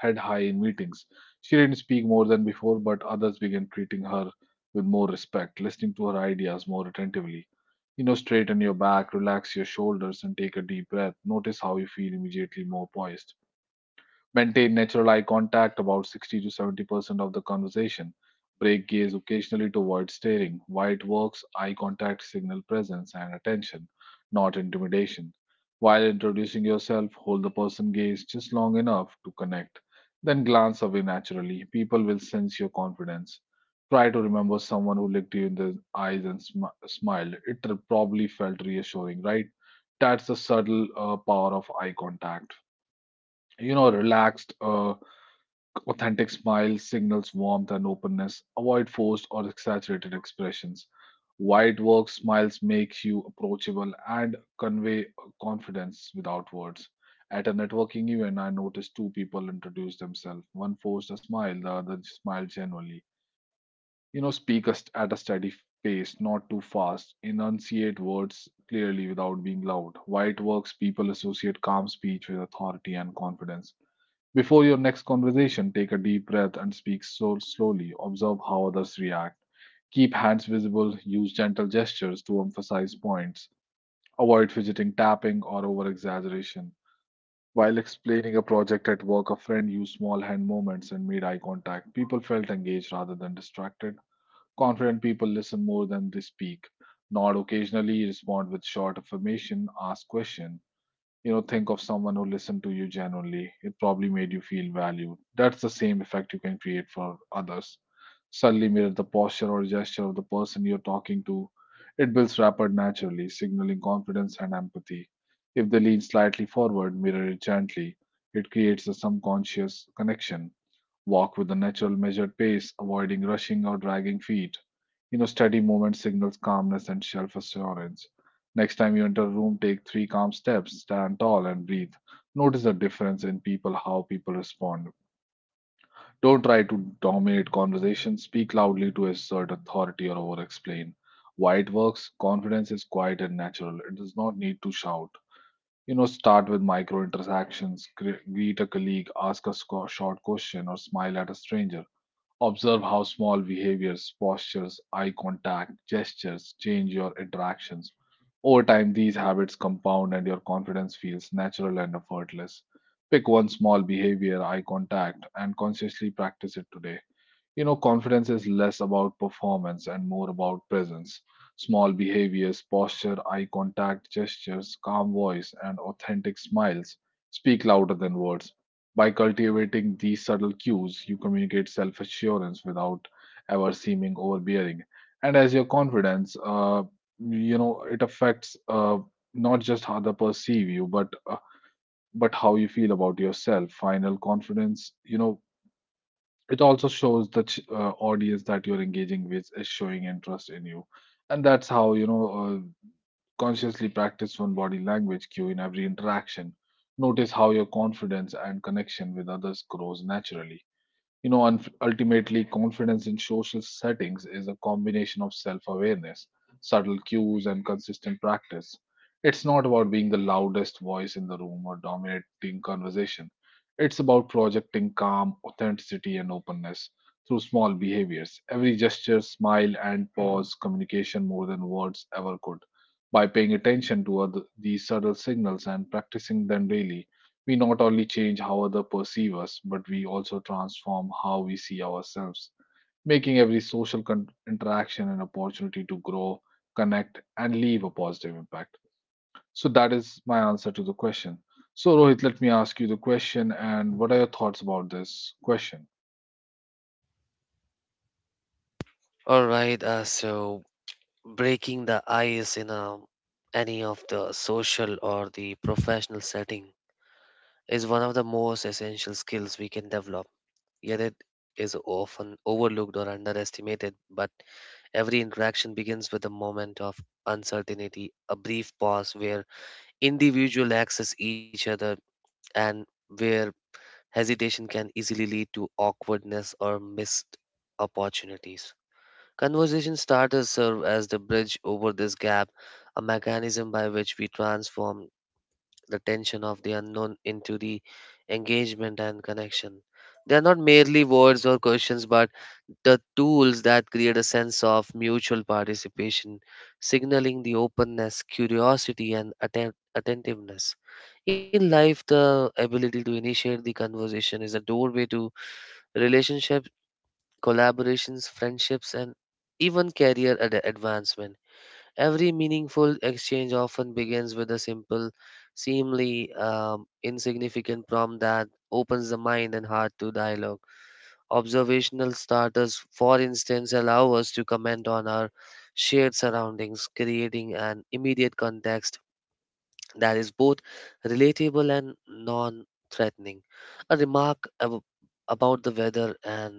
Speaker 1: head high in meetings. She didn't speak more than before, but others began treating her with more respect, listening to her ideas more attentively. You know, straighten your back, relax your shoulders, and take a deep breath. Notice how you feel immediately more poised. Maintain natural eye contact about 60 to 70% of the conversation. Break gaze occasionally to avoid staring. While it works, eye contact signal presence and attention, not intimidation. While introducing yourself, hold the person gaze just long enough to connect. Then glance away naturally. People will sense your confidence. Try to remember someone who looked you in the eyes and smiled. It probably felt reassuring, right? That's the subtle power of eye contact. You know, Relaxed authentic smile signals warmth and openness. Avoid forced or exaggerated expressions. Wide work smiles make you approachable and convey confidence without words. At a networking event, I noticed two people introduced themselves. One forced a smile, the other smiled genuinely. You know, speak at a steady pace, not too fast. Enunciate words clearly without being loud. Wide works, people associate calm speech with authority and confidence. Before your next conversation, take a deep breath and speak so slowly. Observe how others react. Keep hands visible. Use gentle gestures to emphasize points. Avoid fidgeting, tapping, or over exaggeration. While explaining a project at work, a friend used small hand movements and made eye contact. People felt engaged rather than distracted. Confident people listen more than they speak. Nod occasionally, respond with short affirmation, ask questions. You know, think of someone who listened to you genuinely, it probably made you feel valued. That's the same effect you can create for others. Suddenly mirror the posture or gesture of the person you're talking to, it builds rapport naturally, signaling confidence and empathy. If they lean slightly forward, mirror it gently, it creates a subconscious connection. Walk with a natural measured pace, avoiding rushing or dragging feet. You know, steady movement signals calmness and self assurance. Next time you enter a room, take three calm steps, stand tall, and breathe. Notice the difference in people, how people respond. Don't try to dominate conversation, speak loudly to assert authority or over explain. Why it works, confidence is quiet and natural, it does not need to shout. You know, start with micro interactions, greet a colleague, ask a short question, or smile at a stranger. Observe how small behaviors, postures, eye contact, gestures change your interactions. Over time, these habits compound and your confidence feels natural and effortless. Pick one small behavior, eye contact, and consciously practice it today. You know, confidence is less about performance and more about presence. Small behaviors, posture, eye contact, gestures, calm voice, and authentic smiles speak louder than words. By cultivating these subtle cues, you communicate self assurance without ever seeming overbearing. And as your confidence, it affects not just how they perceive you, but how you feel about yourself. Final confidence, you know, it also shows the audience that you're engaging with is showing interest in you. And that's how, consciously practice one body language cue in every interaction. Notice how your confidence and connection with others grows naturally. You know, and ultimately, confidence in social settings is a combination of self awareness, subtle cues, and consistent practice. It's not about being the loudest voice in the room or dominating conversation. It's about projecting calm, authenticity, and openness through small behaviors. Every gesture, smile, and pause communication more than words ever could. By paying attention to other, these subtle signals and practicing them daily, we not only change how others perceive us, but we also transform how we see ourselves, making every social interaction an opportunity to grow, connect, and leave a positive impact. So, that is my answer to the question. So, Rohit, let me ask you the question, and what are your thoughts about this question?
Speaker 2: All right, so breaking the ice in any of the social or the professional setting is one of the most essential skills we can develop. Yet it is often overlooked or underestimated, but every interaction begins with a moment of uncertainty, a brief pause where individuals access each other and where hesitation can easily lead to awkwardness or missed opportunities. Conversation starters serve as the bridge over this gap, a mechanism by which we transform the tension of the unknown into the engagement and connection. They are not merely words or questions, but the tools that create a sense of mutual participation, signaling the openness, curiosity, and attentiveness. In life, the ability to initiate the conversation is a doorway to relationships, collaborations, friendships, and even career advancement. Every meaningful exchange often begins with a simple, seemingly insignificant prompt that opens the mind and heart to dialogue. Observational starters, for instance, allow us to comment on our shared surroundings, creating an immediate context that is both relatable and non threatening. A remark ab- about the weather and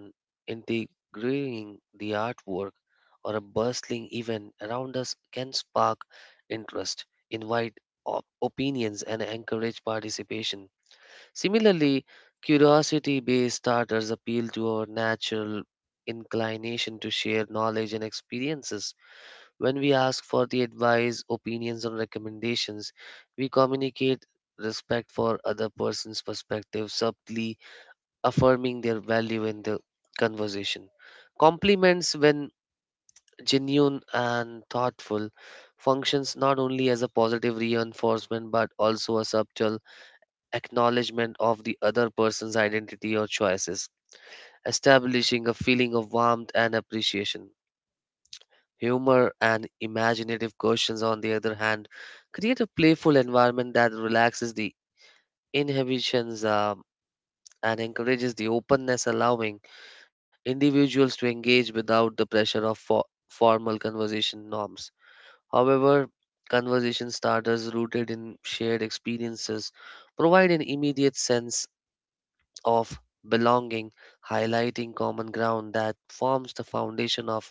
Speaker 2: integrating the artwork or a bustling event around us can spark interest, invite opinions, and encourage participation. Similarly, curiosity based starters appeal to our natural inclination to share knowledge and experiences. When we ask for the advice, opinions, or recommendations, we communicate respect for other person's perspective subtly, affirming their value in the conversation. Compliments, when genuine and thoughtful, functions not only as a positive reinforcement but also a subtle acknowledgement of the other person's identity or choices, establishing a feeling of warmth and appreciation. Humor and imaginative questions, on the other hand, create a playful environment that relaxes the inhibitions and encourages the openness, allowing individuals to engage without the pressure of formal conversation norms. However, conversation starters rooted in shared experiences provide an immediate sense of belonging, highlighting common ground that forms the foundation of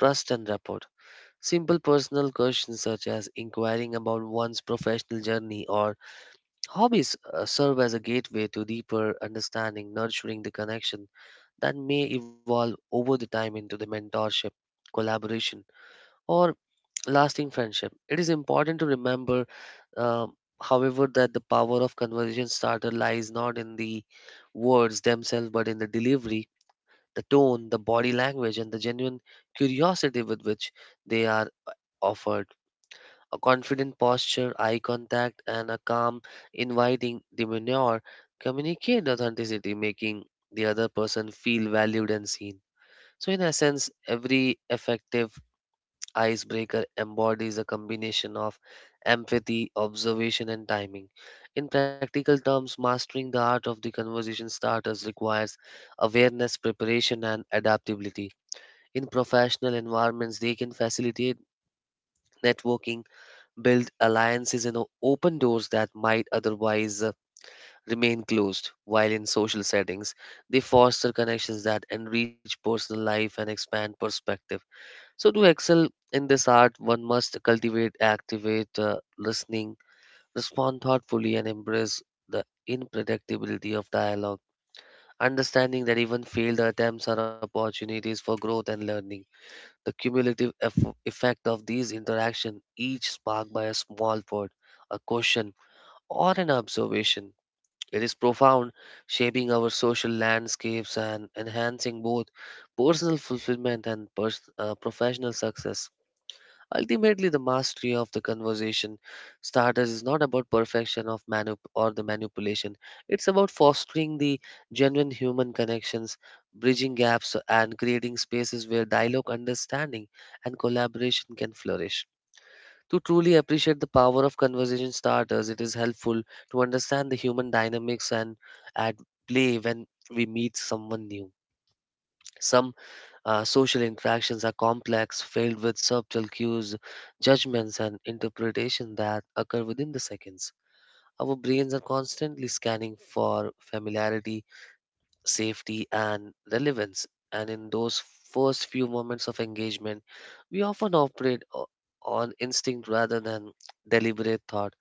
Speaker 2: trust and rapport. Simple personal questions such as inquiring about one's professional journey or hobbies serve as a gateway to deeper understanding, nurturing the connection that may evolve over the time into the mentorship, collaboration, or lasting friendship. It is important to remember, uh, however, that the power of conversation starter lies not in the words themselves but in the delivery, the tone, the body language, and the genuine curiosity with which they are offered. A confident posture, eye contact, and a calm, inviting demeanor communicate authenticity, making the other person feel valued and seen. So, in essence, every effective icebreaker embodies a combination of empathy, observation, and timing. In practical terms, mastering the art of the conversation starters requires awareness, preparation, and adaptability. In professional environments, they can facilitate networking, build alliances, and open doors that might otherwise remain closed, while in social settings, they foster connections that enrich personal life and expand perspective. So, to excel in this art, one must cultivate, activate, listening, respond thoughtfully, and embrace the unpredictability of dialogue, understanding that even failed attempts are opportunities for growth and learning. The cumulative effect of these interactions, each sparked by a small word, a question, or an observation, it is profound, shaping our social landscapes and enhancing both personal fulfillment and professional success. Ultimately, the mastery of the conversation starters is not about perfection of manu or the manipulation. It's about fostering the genuine human connections, bridging gaps, and creating spaces where dialogue, understanding, and collaboration can flourish. To truly appreciate the power of conversation starters, it is helpful to understand the human dynamics and at play when we meet someone new. Some social interactions are complex, filled with subtle cues, judgments, and interpretation that occur within the seconds. Our brains are constantly scanning for familiarity, safety, and relevance. And in those first few moments of engagement, we often operate on instinct rather than deliberate thought.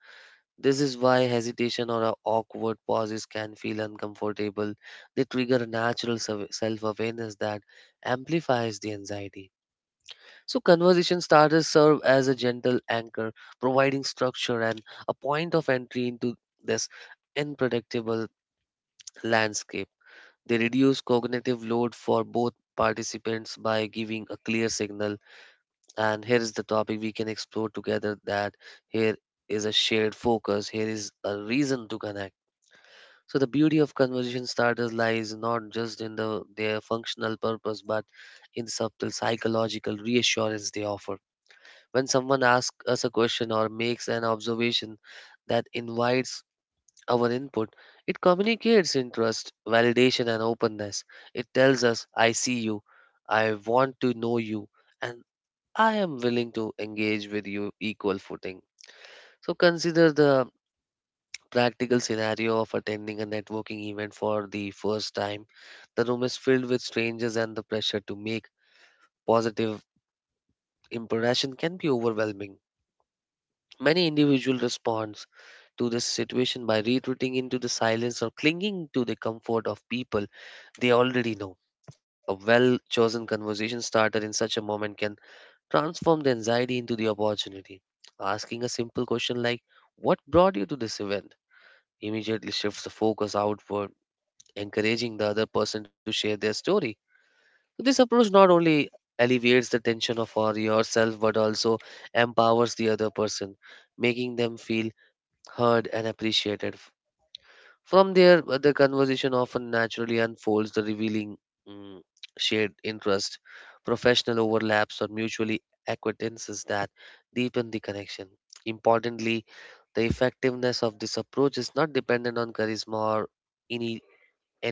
Speaker 2: This is why hesitation or a awkward pauses can feel uncomfortable. They trigger a natural self awareness that amplifies the anxiety. So, conversation starters serve as a gentle anchor, providing structure and a point of entry into this unpredictable landscape. They reduce cognitive load for both participants by giving a clear signal. And here is the topic we can explore together, that here is a shared focus, here is a reason to connect. So, the beauty of conversation starters lies not just in their functional purpose but in the subtle psychological reassurance they offer. When someone asks us a question or makes an observation that invites our input, it communicates interest, validation, and openness. It tells us, I see you, I want to know you, and I am willing to engage with you equal footing. So consider the practical scenario of attending a networking event for the first time. The room is filled with strangers, and the pressure to make positive impression can be overwhelming. Many individuals respond to this situation by retreating into the silence or clinging to the comfort of people they already know. A well chosen conversation starter in such a moment can transform the anxiety into the opportunity. Asking a simple question like, "What brought you to this event?" immediately shifts the focus outward, encouraging the other person to share their story. This approach not only alleviates the tension of for yourself but also empowers the other person, making them feel heard, and appreciated. From there, the conversation often naturally unfolds, the revealing mm, shared interest, professional overlaps, or mutually acquaintances that deepen the connection. Importantly, the effectiveness of this approach is not dependent on charisma or any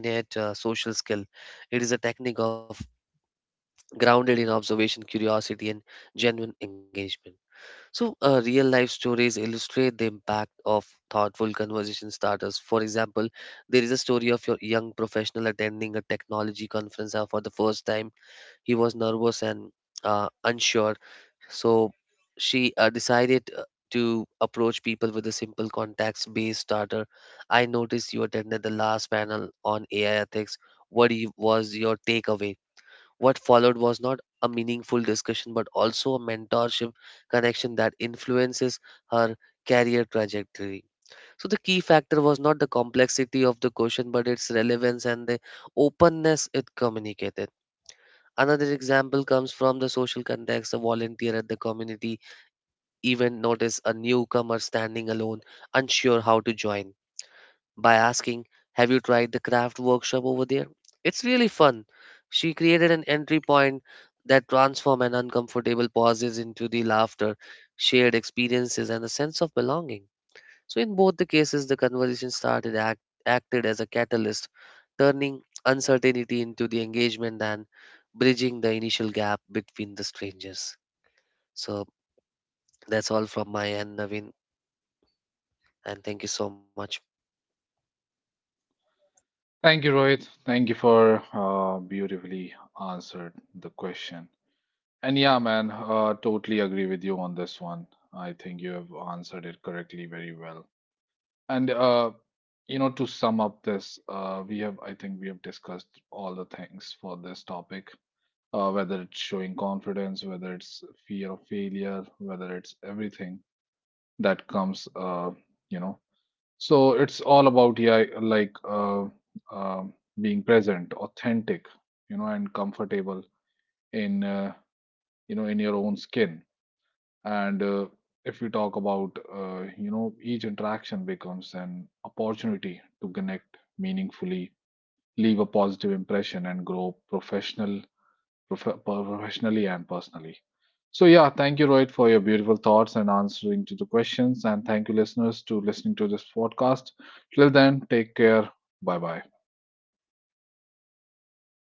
Speaker 2: innate social skill. It is a technique of grounded in observation, curiosity, and genuine engagement. So, real life stories illustrate the impact of thoughtful conversation starters. For example, there is a story of your young professional attending a technology conference for the first time. He was nervous and unsure, so she decided to approach people with a simple contacts-based starter. I noticed you attended the last panel on AI ethics. Was your takeaway? What followed was not a meaningful discussion, but also a mentorship connection that influences her career trajectory. So, the key factor was not the complexity of the question, but its relevance and the openness it communicated. Another example comes from the social context. A volunteer at the community event noticed a newcomer standing alone, unsure how to join, by asking, "Have you tried the craft workshop over there? It's really fun." She created an entry point that transformed an uncomfortable pauses into the laughter, shared experiences, and a sense of belonging. So, in both the cases, the conversation started acted as a catalyst, turning uncertainty into the engagement and bridging the initial gap between the strangers. So, that's all from my end, Naveen, and thank you so much.
Speaker 1: Thank you, Rohit. Thank you for beautifully answered the question. And yeah, man, totally agree with you on this one. I think you have answered it correctly very well. And to sum up this, we have I think we have discussed all the things for this topic. Whether it's showing confidence, whether it's fear of failure, whether it's everything that comes, you know. So it's all about, yeah, like um being present, authentic, you know, and comfortable in in your own skin. And if we talk about, you know, each interaction becomes an opportunity to connect meaningfully, leave a positive impression, and grow professional professionally and personally. So, yeah, thank you, Rohit, for your beautiful thoughts and answering to the questions, and thank you, listeners, to listening to this podcast. Till then, take care. Bye bye.